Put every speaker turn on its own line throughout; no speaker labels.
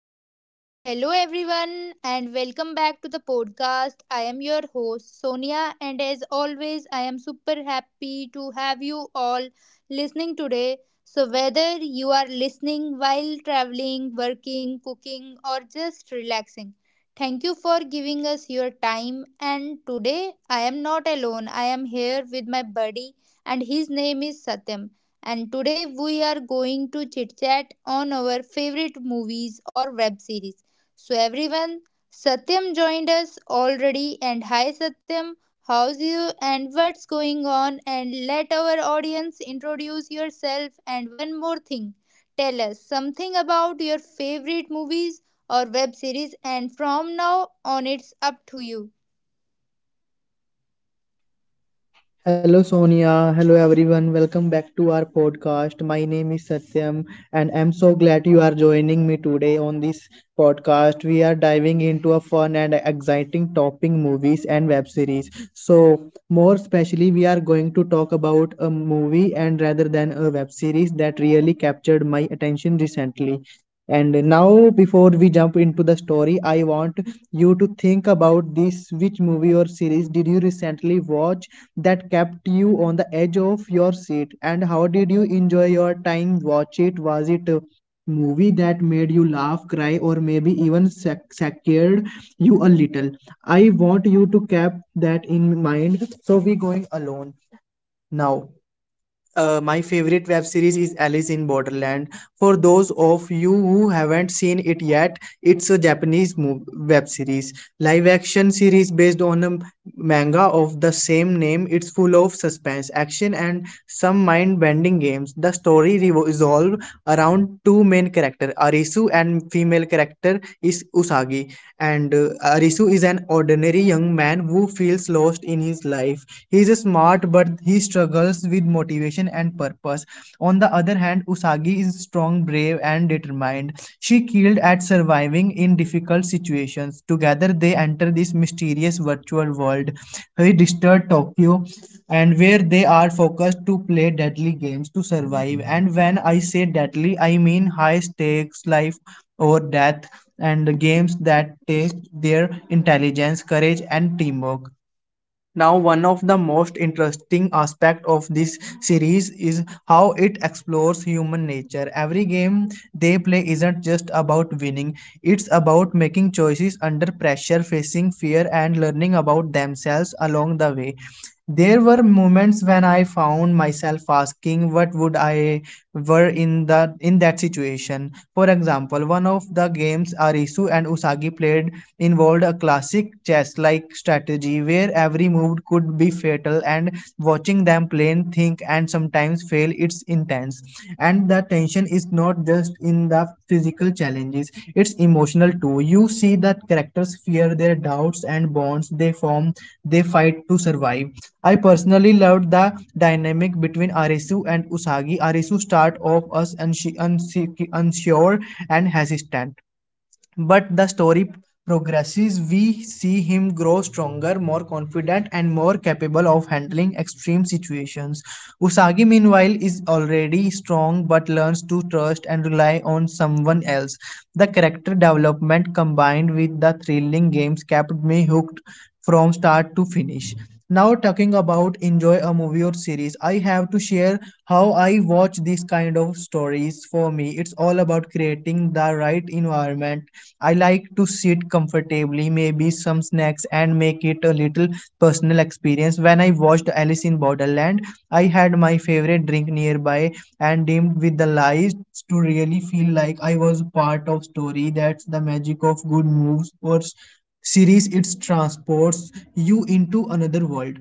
So, hello everyone, and welcome back to the podcast. I am your host Sonia, and as always, I am super happy to have you all listening today. So, whether you are listening while traveling, working, cooking, or just relaxing, thank you for giving us your time. And today, I am not alone, I am here with my buddy, and his name is Satyam and today we are going to chit chat on our favorite movies or web series. So, everyone, Satyam joined us already, and hi Satyam, how's you and what's going on? And let our audience introduce yourself. And one more thing, tell us something about your favorite movies or web series, and from now on, it's up to you.
Hello Sonia, hello everyone. Welcome back to our podcast. My name is Satyam and I'm so glad you are joining me today on this podcast. We are diving into a fun and exciting topic movies and web series. So, more especially we are going to talk about a movie and rather than a web series that really captured my attention recently. And now before we jump into the story, I want you to think about this: which movie or series did you recently watch that kept you on the edge of your seat, and how did you enjoy your time watch it? Was it a movie that made you laugh, cry, or maybe even scared you a little? I want you to keep that in mind so we going alone now. My favorite web series is Alice in Borderland. For those of you who haven't seen it yet, it's a Japanese web series, live action series based on a manga of the same name. It's full of suspense, action, and some mind-bending games. The story revolves around two main characters, Arisu, and female character is Usagi. And Arisu is an ordinary young man who feels lost in his life. He is smart, but he struggles with motivation and purpose. On the other hand, Usagi is strong, brave, and determined. She killed at surviving in difficult situations. Together, they enter this mysterious virtual world, a disturbed Tokyo, and where they are focused to play deadly games to survive. And when I say deadly, I mean high stakes, life or death, and games that test their intelligence, courage, and teamwork. Now, one of the most interesting aspects of this series is how it explores human nature. Every game they play isn't just about winning, it's about making choices under pressure, facing fear, and learning about themselves along the way. There were moments when I found myself asking what would I were in that situation. For example, one of the games Arisu and Usagi played involved a classic chess like strategy where every move could be fatal, and watching them play, think, and sometimes fail, it's intense. And the tension is not just in the physical challenges, it's emotional too. You see that characters fear their doubts and bonds they form, they fight to survive. I personally loved the dynamic between Arisu and Usagi. Arisu start off as unsure and hesitant, but the story progresses. We see him grow stronger, more confident, and more capable of handling extreme situations. Usagi, meanwhile, is already strong but learns to trust and rely on someone else. The character development combined with the thrilling games kept me hooked from start to finish. Now talking about enjoy a movie or series, I have to share how I watch these kind of stories. For me, it's all about creating the right environment. I like to sit comfortably, maybe some snacks, and make it a little personal experience. When I watched Alice in Borderland, I had my favorite drink nearby and dimmed with the lights to really feel like I was part of story. That's the magic of good movies or series: it transports you into another world.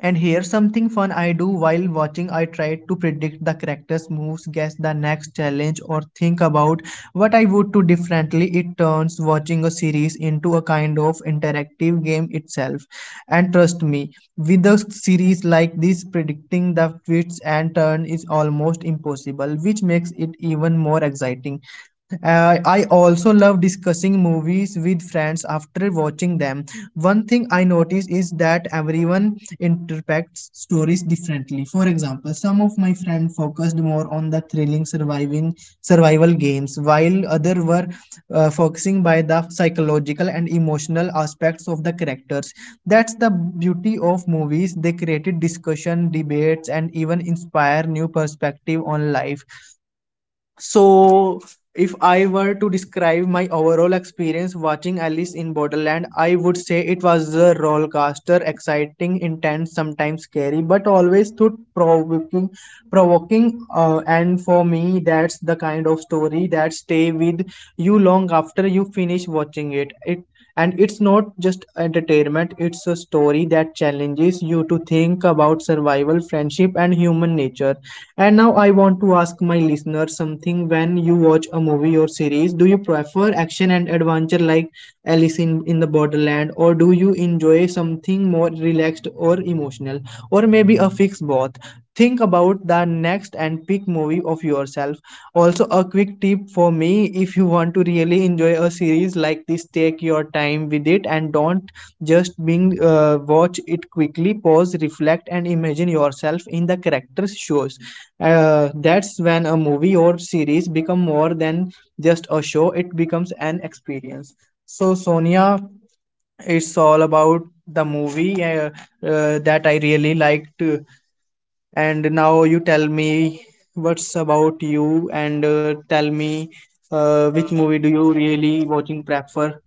And here, something fun I do while watching: I try to predict the character's moves, guess the next challenge, or think about what I would do differently. It turns watching a series into a kind of interactive game itself. And trust me, with a series like this, predicting the twists and turns is almost impossible, which makes it even more exciting. I also love discussing movies with friends after watching them. One thing I notice is that everyone interprets stories differently. For example, some of my friends focused more on the thrilling surviving survival games, while others were focusing by the psychological and emotional aspects of the characters. That's the beauty of movies: they created discussion, debates, and even inspire new perspective on life. So, if I were to describe my overall experience watching Alice in Borderland, I would say it was a rollercoaster, exciting, intense, sometimes scary, but always thought provoking. And for me, that's the kind of story that stay with you long after you finish watching it. And it's not just entertainment; it's a story that challenges you to think about survival, friendship, and human nature. And now I want to ask my listener something. When you watch a movie or series, do you prefer action and adventure like Alice in the Borderland, or do you enjoy something more relaxed or emotional, or maybe a fix both? Think about the next and pick movie of yourself. Also, a quick tip for me: if you want to really enjoy a series like this, take your time with it and don't just being watch it quickly. Pause, reflect, and imagine yourself in the characters' shows. That's when a movie or series become more than just a show; it becomes an experience. So, Sonia, it's all about the movie that I really liked. And now you tell me what's about you, and tell me which movie do you really watching prefer?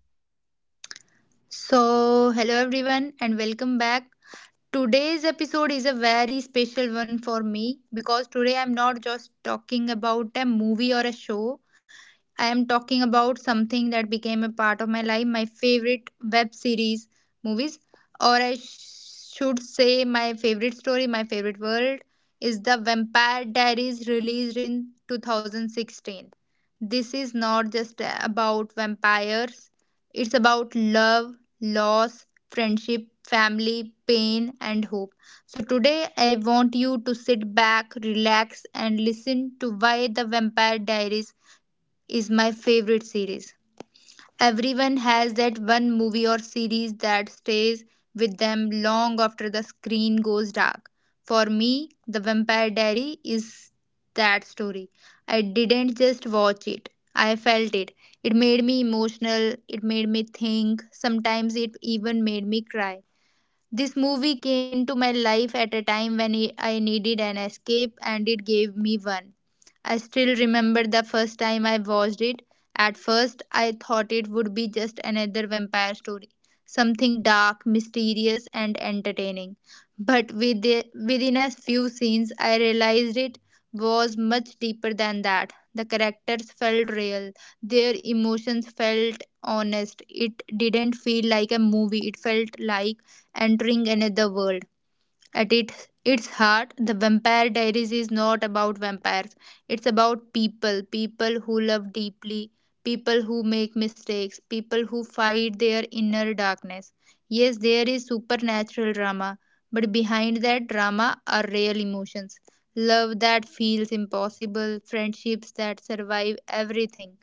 So, hello everyone, and welcome back. Today's episode is a very special one for me because today I'm not just talking about a movie or a show. I am talking about something that became a part of my life. My favorite web series, movies, or I should say, my favorite story, my favorite world is The Vampire Diaries, released in 2016. This is not just about vampires, it's about love, loss, friendship, family, pain, and hope. So, today I want you to sit back, relax, and listen to why The Vampire Diaries is my favorite series. Everyone has that one movie or series that stays with them long after the screen goes dark. For me, The Vampire Diary is that story. I didn't just watch it, I felt it. It made me emotional, it made me think, sometimes it even made me cry. This movie came into my life at a time when I needed an escape, and it gave me one. I still remember the first time I watched it. At first, I thought it would be just another vampire story, something dark, mysterious, and entertaining. But within a few scenes, I realized it was much deeper than that. The characters felt real, their emotions felt honest. It didn't feel like a movie, it felt like entering another world. At its heart, The Vampire Diaries is not about vampires. It's about people. People who love deeply, people who make mistakes, people who fight their inner darkness. Yes, there is supernatural drama, but behind that drama are real emotions. Love that feels impossible, friendships that survive everything,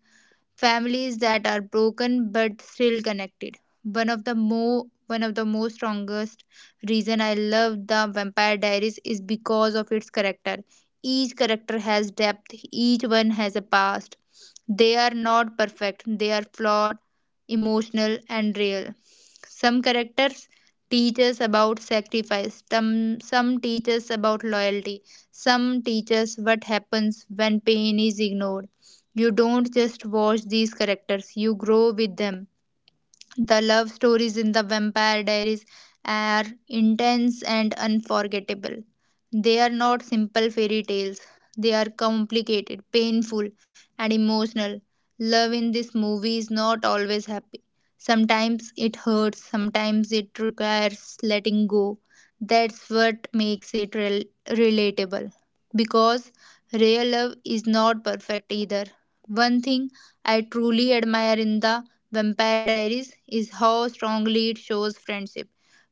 families that are broken but still connected. One of the most strongest reason I love the Vampire Diaries is because of its character. Each character has depth. Each one has a past. They are not perfect. They are flawed, emotional, and real. Some characters teach us about sacrifice. Some teach us about loyalty. Some teach us what happens when pain is ignored. You don't just watch these characters, you grow with them. The love stories in The Vampire Diaries are intense and unforgettable. They are not simple fairy tales, they are complicated, painful, and emotional. Love in this movie is not always happy. Sometimes it hurts, sometimes it requires letting go. That's what makes it relatable. Because real love is not perfect either. One thing I truly admire in the Vampire Diaries is how strongly it shows friendship.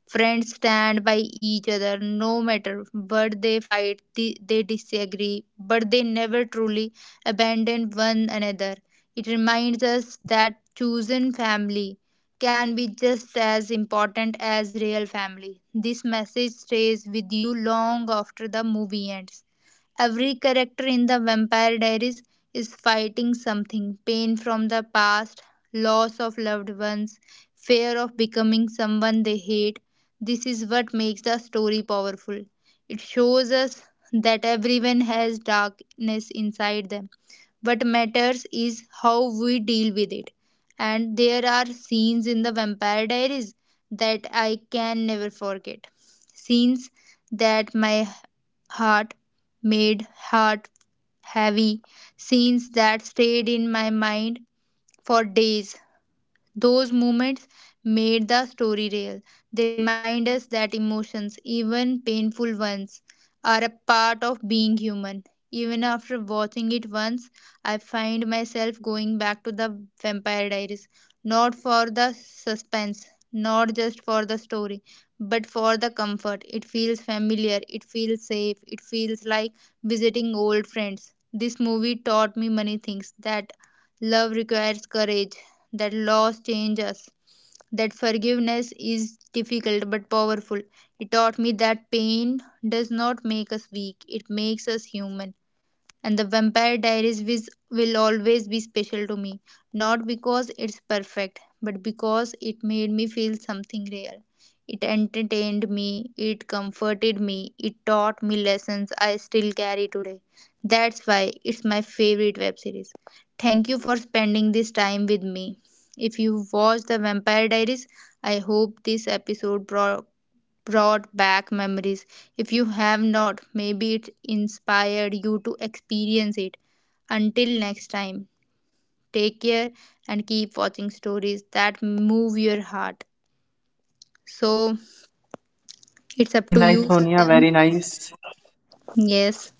Friends stand by each other no matter what. They fight, they disagree, but they never truly abandon one another. It reminds us that chosen family can be just as important as real family. This message stays with you long after the movie ends. Every character in The Vampire Diaries is fighting something: pain from the past, loss of loved ones, fear of becoming someone they hate. This is what makes the story powerful. It shows us that everyone has darkness inside them. What matters is how we deal with it. And there are scenes in The Vampire Diaries that I can never forget. Scenes that my heart made heart heavy, scenes that stayed in my mind for days. Those moments made the story real. They remind us that emotions, even painful ones, are a part of being human. Even after watching it once, I find myself going back to the Vampire Diaries, not for the suspense, not just for the story, but for the comfort. It feels familiar, it feels safe, it feels like visiting old friends. This movie taught me many things: that love requires courage, that loss changes us, that forgiveness is difficult but powerful. It taught me that pain does not make us weak, it makes us human. And the Vampire Diaries which will always be special to me, not because it's perfect but because it made me feel something real. It entertained me, it comforted me, it taught me lessons I still carry today. That's why it's my favorite web series. Thank you for spending this time with me. If you watched the Vampire Diaries, I hope this episode brought back memories. If you have not, maybe it inspired you to experience it. Until next time, take care and keep watching stories that move your heart. So it's up
Very
to you,
nice, Sonia.
Satyam.
Very nice.
Yes.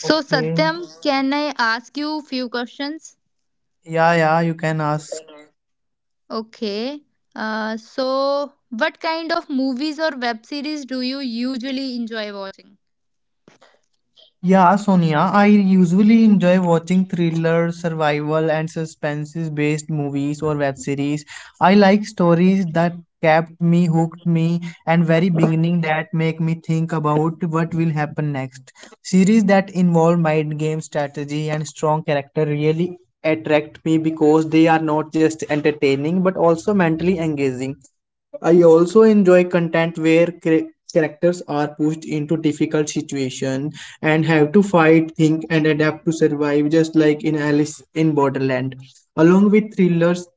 So
Okay.
Satyam, can I ask you few questions?
Yeah, yeah, you can ask.
Okay. So what kind of movies or web series do you usually enjoy watching?
Yeah, Sonia, I usually enjoy watching thrillers, survival, and suspense-based movies or web series. I like stories that kept me hooked me and very beginning that make me think about what will happen next. Series that involve mind game strategy and strong character really attract me because they are not just entertaining but also mentally engaging. I also enjoy content where characters are pushed into difficult situation and have to fight, think, and adapt to survive, just like in Alice in Borderland. Along with thrillers,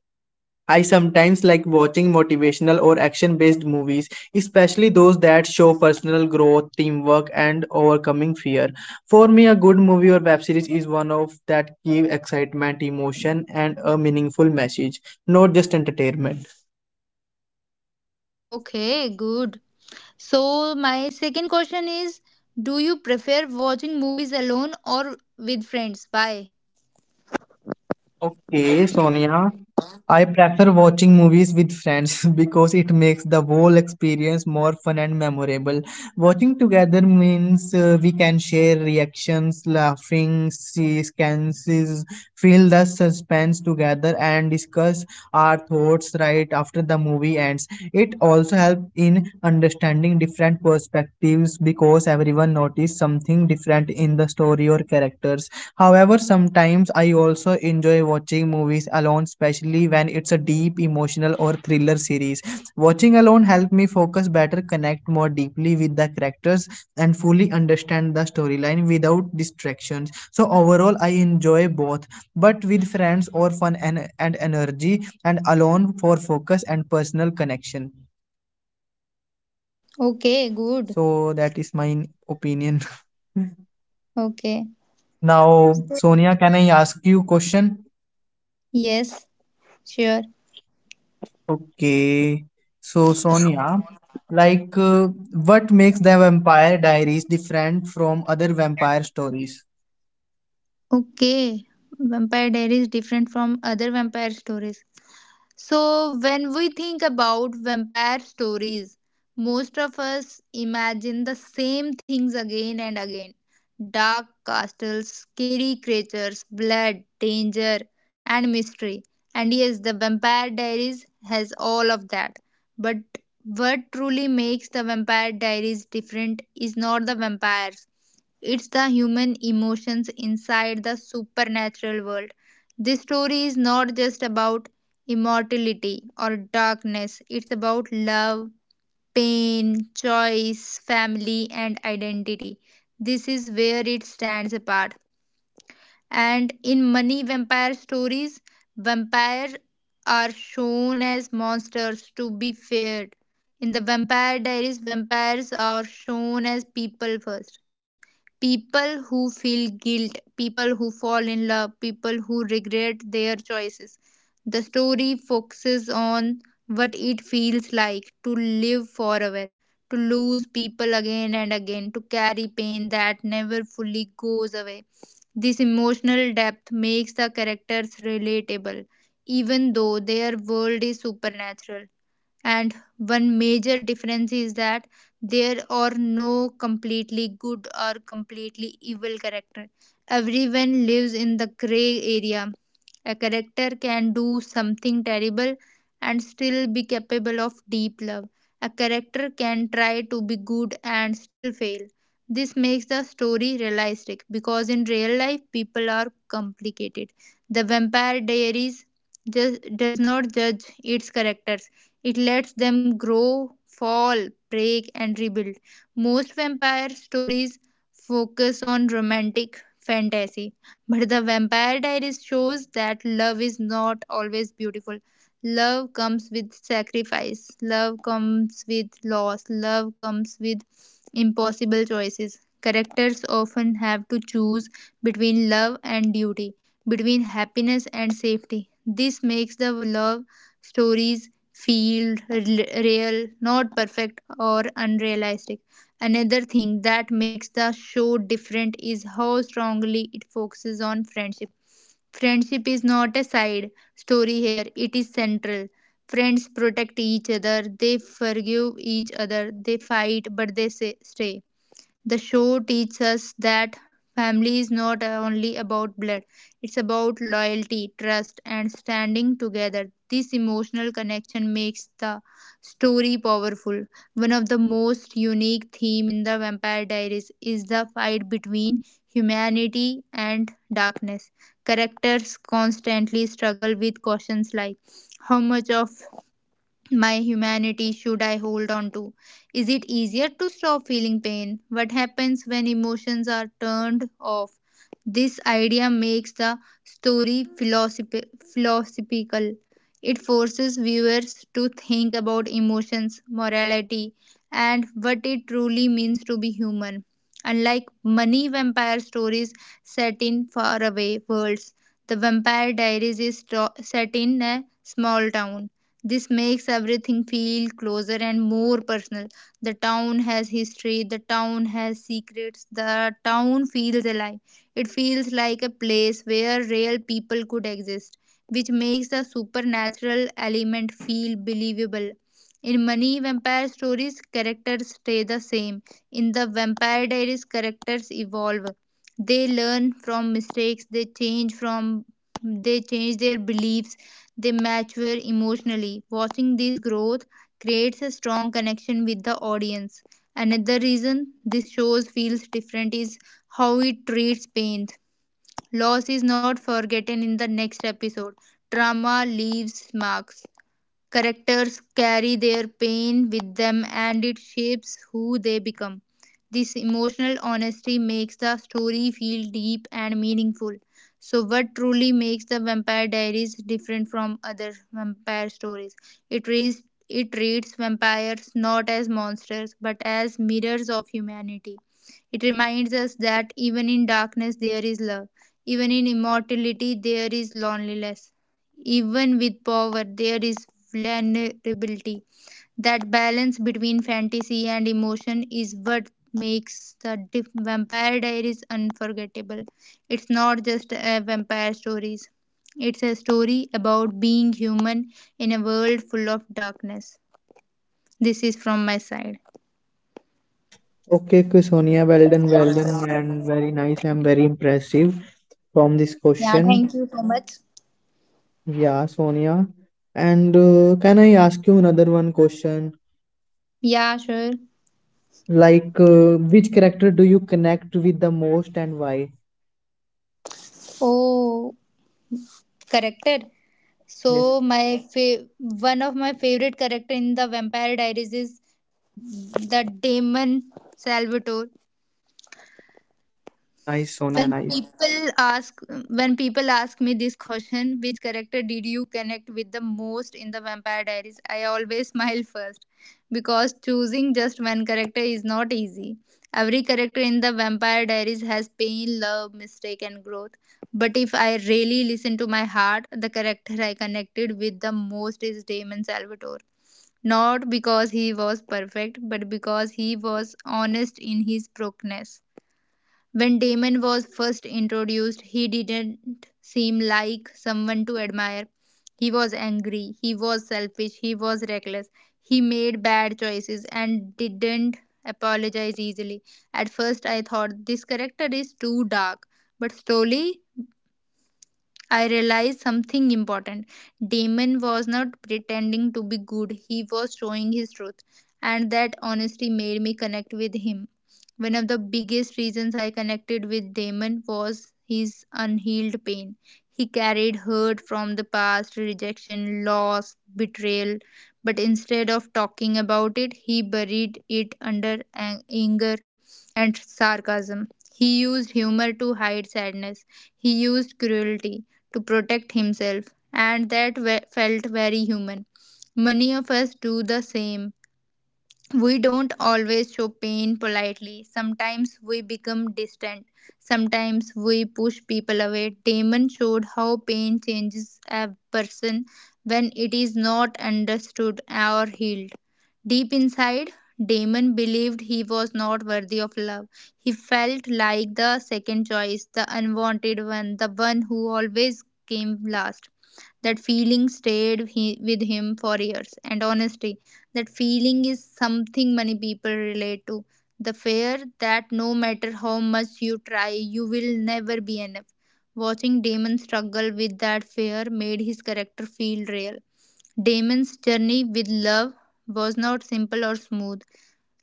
I sometimes like watching motivational or action-based movies, especially those that show personal growth, teamwork, and overcoming fear. For me, a good movie or web series is one of that give excitement, emotion, and a meaningful message, not just entertainment.
Okay, good. So, my second question is, do you prefer watching movies alone or with friends? Why?
Okay, Sonia. I prefer watching movies with friends because it makes the whole experience more fun and memorable. Watching together means we can share reactions, laughing, see scanses, feel the suspense together, and discuss our thoughts right after the movie ends. It also helps in understanding different perspectives because everyone notices something different in the story or characters. However, sometimes I also enjoy watching movies alone, especially when it's a deep, emotional, or thriller series. Watching alone helps me focus better, connect more deeply with the characters, and fully understand the storyline without distractions. So, overall, I enjoy both, but with friends or fun and energy, and alone for focus and personal connection.
Okay, good.
So, that is my opinion.
Okay.
Now, Sonia, can I ask you question?
Yes, sure.
Okay, so Sonia, like, uh, what makes the Vampire Diaries different from other vampire stories?
Okay. Vampire Diaries different from other vampire stories. So, when we think about vampire stories, most of us imagine the same things again and again: dark castles, scary creatures, blood, danger, and mystery. And yes, the Vampire Diaries has all of that. But what truly makes the Vampire Diaries different is not the vampires, it's the human emotions inside the supernatural world. This story is not just about immortality, or darkness. It's about love, pain, choice, family, and identity. This is where it stands apart. And in many vampire stories, vampires are shown as monsters to be feared. In the Vampire Diaries, vampires are shown as people first. People who feel guilt, people who fall in love, people who regret their choices. The story focuses on what it feels like to live forever, to lose people again and again, to carry pain that never fully goes away. This emotional depth makes the characters relatable, even though their world is supernatural. And one major difference is that there are no completely good or completely evil character. Everyone lives in the gray area. A character can do something terrible and still be capable of deep love. A character can try to be good and still fail. This makes the story realistic because in real life people are complicated. The Vampire Diaries just does not judge its characters. It lets them grow, fall, break, and rebuild. Most vampire stories focus on romantic fantasy, but the Vampire Diaries shows that love is not always beautiful. Love comes with sacrifice, love comes with loss, love comes with impossible choices. Characters often have to choose between love and duty, between happiness and safety. This makes the love stories feel real, not perfect or unrealistic. Another thing that makes the show different is how strongly it focuses on friendship. Friendship is not a side story here, it is central. Friends protect each other, they forgive each other, they fight, but they say, stay. The show teaches us that family is not only about blood, it's about loyalty, trust, and standing together. This emotional connection makes the story powerful. One of the most unique themes in the Vampire Diaries is the fight between humanity and darkness. Characters constantly struggle with questions like, how much of my humanity should I hold on to? Is it easier to stop feeling pain? What happens when emotions are turned off? This idea makes the story philosophical. It forces viewers to think about emotions, morality, and what it truly means to be human. Unlike many vampire stories set in faraway worlds, the Vampire Diaries is set in a small town. This makes everything feel closer and more personal. The town has history, the town has secrets, the town feels alive. It feels like a place where real people could exist, which makes the supernatural element feel believable. In many vampire stories, characters stay the same. In the Vampire Diaries, characters evolve. They learn from mistakes, they change their beliefs, they mature emotionally. Watching this growth creates a strong connection with the audience. Another reason this shows feels different is how it treats pain. Loss is not forgotten in the next episode. Trauma leaves marks. Characters carry their pain with them and it shapes who they become. This emotional honesty makes the story feel deep and meaningful. So, what truly makes the Vampire Diaries different from other vampire stories? It reads it treats vampires not as monsters but as mirrors of humanity. It reminds us that even in darkness there is love, even in immortality there is loneliness. Even with power, there is vulnerability. That balance between fantasy and emotion is what makes the Vampire Diaries unforgettable. It's not just a vampire stories. It's a story about being human in a world full of darkness. This is from my side.
Okay, okay, Sonia, well done, and very nice and very impressive from this
Yeah,
question.
thank you so much.
Yeah, Sonia. And can I ask you another one question?
Yeah, sure.
Which character do you connect with the most and why?
Oh, character.
Yes,
So one of my favorite character in the Vampire Diaries is the Damon Salvatore.
nice, Sonia,
When
nice.
people ask when people ask me this question, which character did you connect with the most in the Vampire Diaries? I always smile first because choosing just one character is not easy. Every character in the Vampire Diaries has pain, love, mistake, and growth. But if I really listen to my heart, the character I connected with the most is Damon Salvatore, not because he was perfect, but because he was honest in his brokenness. When Damon was first introduced, he didn't seem like someone to admire. He was angry, he was selfish, he was reckless, he made bad choices and didn't apologize easily. At first, I thought this character is too dark, but slowly I realized something important. Damon was not pretending to be good, he was showing his truth, and that honesty made me connect with him. One of the biggest reasons I connected with Damon was his unhealed pain. He carried hurt from the past, rejection, loss, betrayal, but instead of talking about it, he buried it under anger and sarcasm. He used humor to hide sadness. He used cruelty to protect himself, and that felt very human. Many of us do the same, we don't always show pain politely. Sometimes we become distant. Sometimes we push people away. Damon showed how pain changes a person when it is not understood or healed. Deep inside, Damon believed he was not worthy of love. He felt like the second choice, the unwanted one, the one who always came last. That feeling stayed with him for years, and honestly that feeling is something many people relate to, the fear that no matter how much you try you will never be enough. Watching Damon struggle with that fear made his character feel real. Damon's journey with love was not simple or smooth.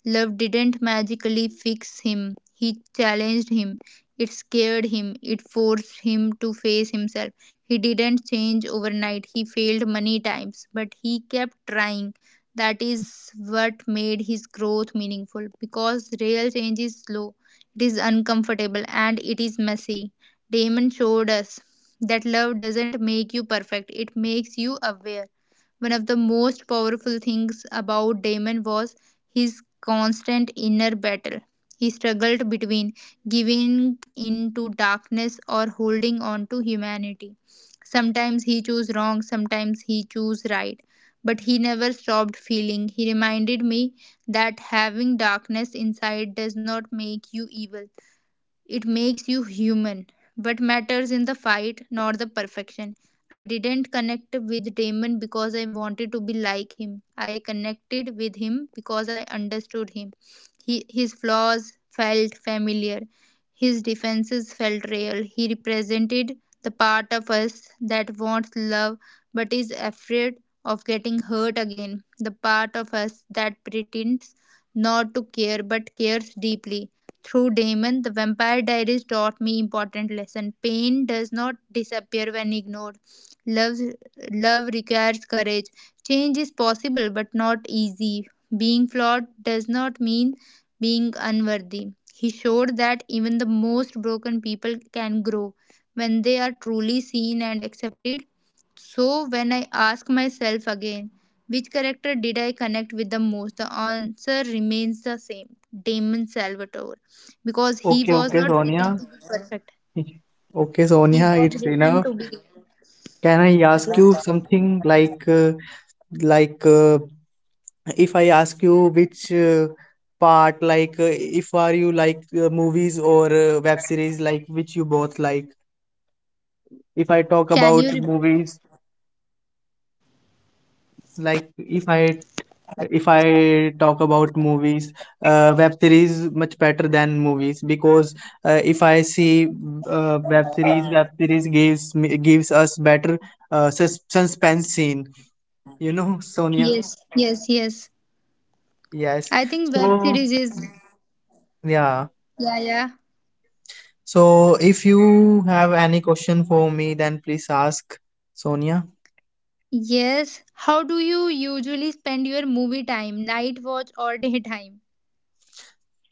Love didn't magically fix him, he challenged him. It scared him, it forced him to face himself. He didn't change overnight, he failed many times, but he kept trying. That is what made his growth meaningful, because real change is slow, it is uncomfortable, and it is messy. Damon showed us that love doesn't make you perfect, it makes you aware. One of the most powerful things about Damon was his constant inner battle. He struggled between giving in to darkness or holding on to humanity. Sometimes he chose wrong, sometimes he chose right. But he never stopped feeling. He reminded me that having darkness inside does not make you evil. It makes you human. What matters in the fight, not the perfection. I didn't connect with Damon because I wanted to be like him. I connected with him because I understood him. His flaws felt familiar. His defenses felt real. He represented the part of us that wants love but is afraid of getting hurt again. The part of us that pretends not to care but cares deeply. Through Damon, the Vampire Diaries taught me important lesson. Pain does not disappear when ignored. Love, love requires courage. Change is possible but not easy. Being flawed does not mean being unworthy. He showed that even the most broken people can grow when they are truly seen and accepted. So, when I ask myself again, which character did I connect with the most? The answer remains the same, Damon Salvatore, because he
Okay,
was
okay,
not written
Sonia.
to be perfect.
Okay,
He
Sonia,
was
it's
written
enough.
to be.
Can I ask you something like uh, if I ask you which part if are you like movies or web series like which you both like? If I talk
Can you?
about
Re-
movies like if I talk about movies, web series much better than movies because if I see web series, web series gives us better suspense scene. You know, Sonia.
yes, yes, yes.
Yes.
I think web
So,
series is.
yeah.
Yeah, yeah.
So, if you have any question for me, then please ask Sonia.
Yes. How do you usually spend your movie time? Night watch or daytime?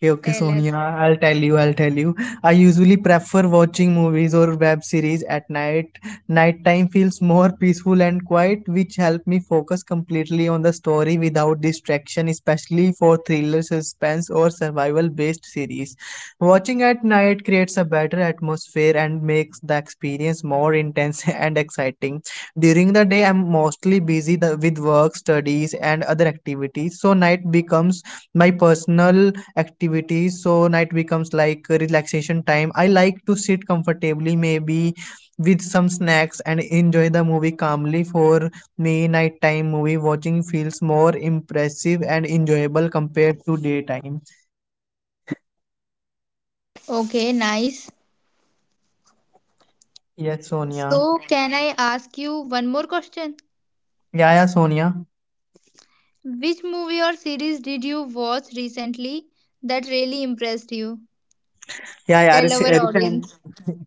Okay, okay,
Tell us.
Sonia, I'll tell you, I'll tell you. I usually prefer watching movies or web series at night. Nighttime feels more peaceful and quiet, which help me focus completely on the story without distraction, especially for thriller, suspense, or survival-based series. Watching at night creates a better atmosphere and makes the experience more intense and exciting. During the day, I'm mostly busy with work, studies, and other activities, so night becomes my personal activities, so night becomes like relaxation time. I like to sit comfortably, maybe with some snacks, and enjoy the movie calmly. For me, nighttime movie watching feels more impressive and enjoyable compared to daytime.
Okay, nice.
Yes, Sonia.
So, can I ask you one more question?
Yeah, yeah, Sonia.
Which movie or series did you watch recently that really impressed you?
Yeah, yeah, rec-
Tell our
uh, recent,
audience.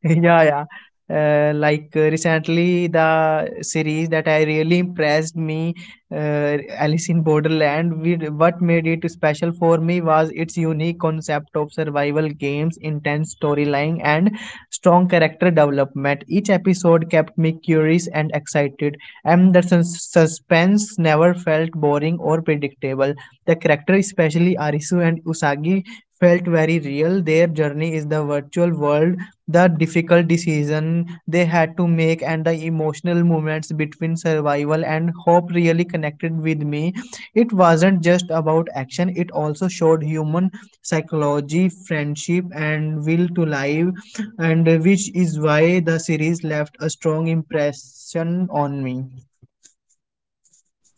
yeah, yeah. Like recently, the series that I really impressed me, Alice in Borderland. We, what made it special for me was its unique concept of survival games, intense storyline, and strong character development. Each episode kept me curious and excited, and the suspense never felt boring or predictable. The character, especially Arisu and Usagi, felt very real. Their journey is the virtual world, the difficult decision they had to make, and the emotional moments between survival and hope really connected with me. It wasn't just about action, it also showed human psychology, friendship, and will to live, and which is why the series left a strong impression on me.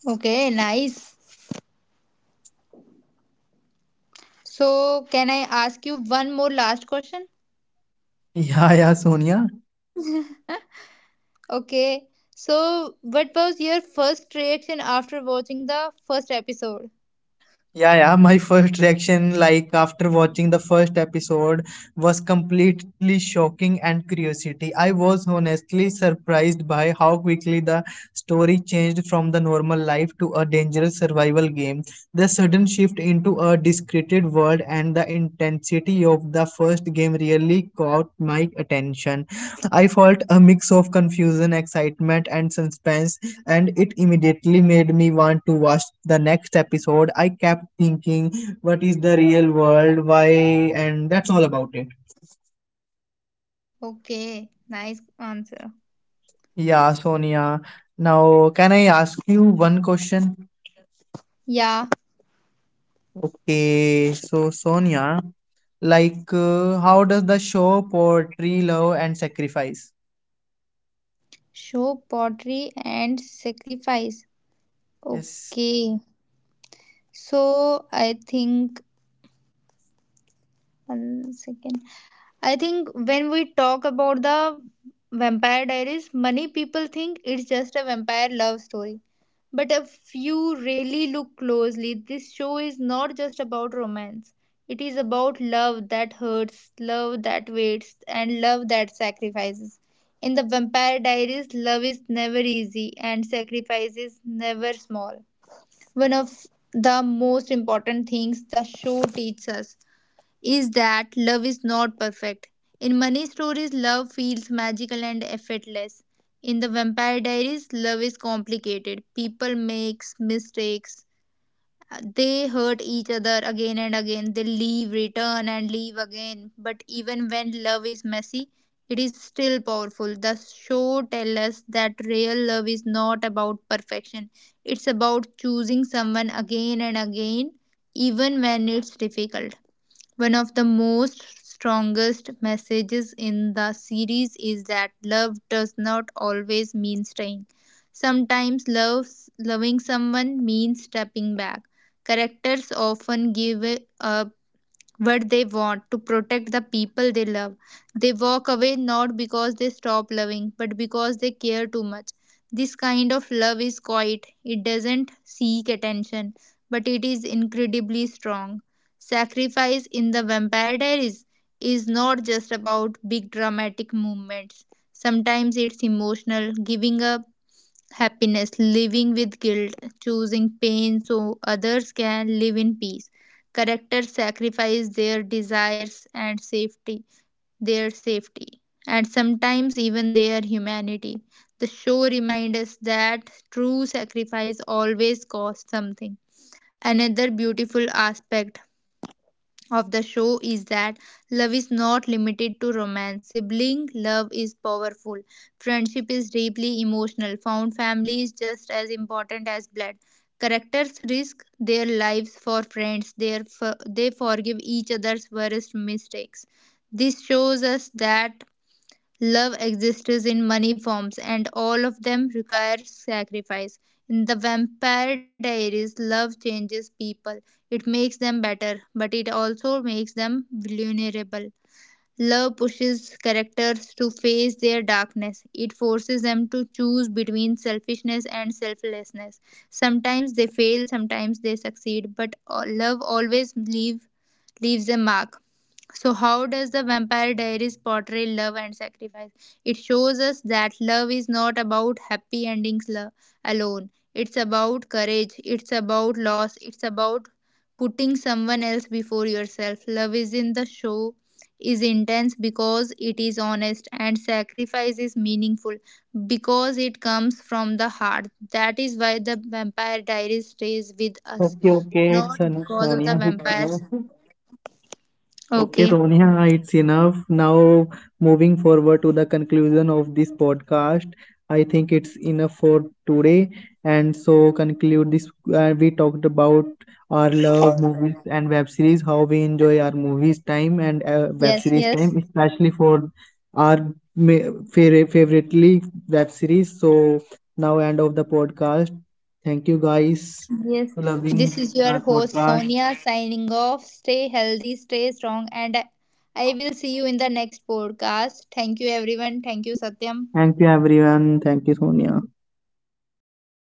Okay, nice. So, can I ask you one more last question?
Yeah, yeah, Sonia.
Okay. So, what was your first reaction after watching the first episode?
Yeah, yeah, my first reaction, like after watching the first episode, was completely shocking and curiosity. I was honestly surprised by how quickly the story changed from the normal life to a dangerous survival game. The sudden shift into a discreted world and the intensity of the first game really caught my attention. I felt a mix of confusion, excitement, and suspense, and it immediately made me want to watch the next episode. I kept thinking, what is the real world? Why? And that's all about it.
Okay. Nice answer.
Yeah, Sonia. Now, can I ask you one question?
Yeah.
Okay, so Sonia, how does the show portray love and sacrifice?
Show pottery and sacrifice.
Yes.
Okay. So, I think one second. I think when we talk about the Vampire Diaries, many people think it's just a vampire love story. But if you really look closely, this show is not just about romance. It is about love that hurts, love that waits, and love that sacrifices. In the Vampire Diaries, love is never easy and sacrifice is never small. One of the most important things the show teaches us is that love is not perfect. In many stories, love feels magical and effortless. In the Vampire Diaries, love is complicated. People make mistakes. They hurt each other again and again. They leave, return, and leave again. But even when love is messy, it is still powerful. The show tells us that real love is not about perfection, it's about choosing someone again and again, even when it's difficult. One of the most strongest messages in the series is that love does not always mean staying. Sometimes love, loving someone means stepping back. Characters often give up what they want to protect the people they love. They walk away not because they stop loving, but because they care too much. This kind of love is quiet, it doesn't seek attention, but it is incredibly strong. Sacrifice in the Vampire Diaries is not just about big dramatic movements. Sometimes it's emotional, giving up happiness, living with guilt, choosing pain so others can live in peace. Characters sacrifice their safety, and sometimes even their humanity. The show reminds us that true sacrifice always costs something. Another beautiful aspect of the show is that love is not limited to romance. Sibling love is powerful. Friendship is deeply emotional. Found family is just as important as blood. Characters risk their lives for friends. They forgive each other's worst mistakes. This shows us that love exists in many forms, and all of them require sacrifice. In The Vampire Diaries, love changes people. It makes them better, but it also makes them vulnerable. Love pushes characters to face their darkness. It forces them to choose between selfishness and selflessness. Sometimes they fail, sometimes they succeed, but leaves a mark. So, how does the Vampire Diaries portray love and sacrifice? It shows us that love is not about happy endings alone. It's about courage, it's about loss, it's about putting someone else before yourself. Love is in the show is intense because it is honest, and sacrifice is meaningful because it comes from the heart. That is why the Vampire Diaries stays with us,
Okay, okay,
not
it's enough,
because of the
Sonia.
vampires.
Okay,
Okay,
Sonia, it's enough. Now, moving forward to the conclusion of this podcast, I think it's enough for today. And so, conclude this. We talked about our love movies and web series, how we enjoy our movies time and web
yes,
series
yes,
time, especially for our favoritely web series. So, now end of the podcast. Thank you guys
yes,
for
this
loving
is your
our
host
podcast.
Sonia signing off. Stay healthy, stay strong, and I will see you in the next podcast. Thank you, everyone. Thank you, Satyam.
Thank you everyone. Thank you, Sonia.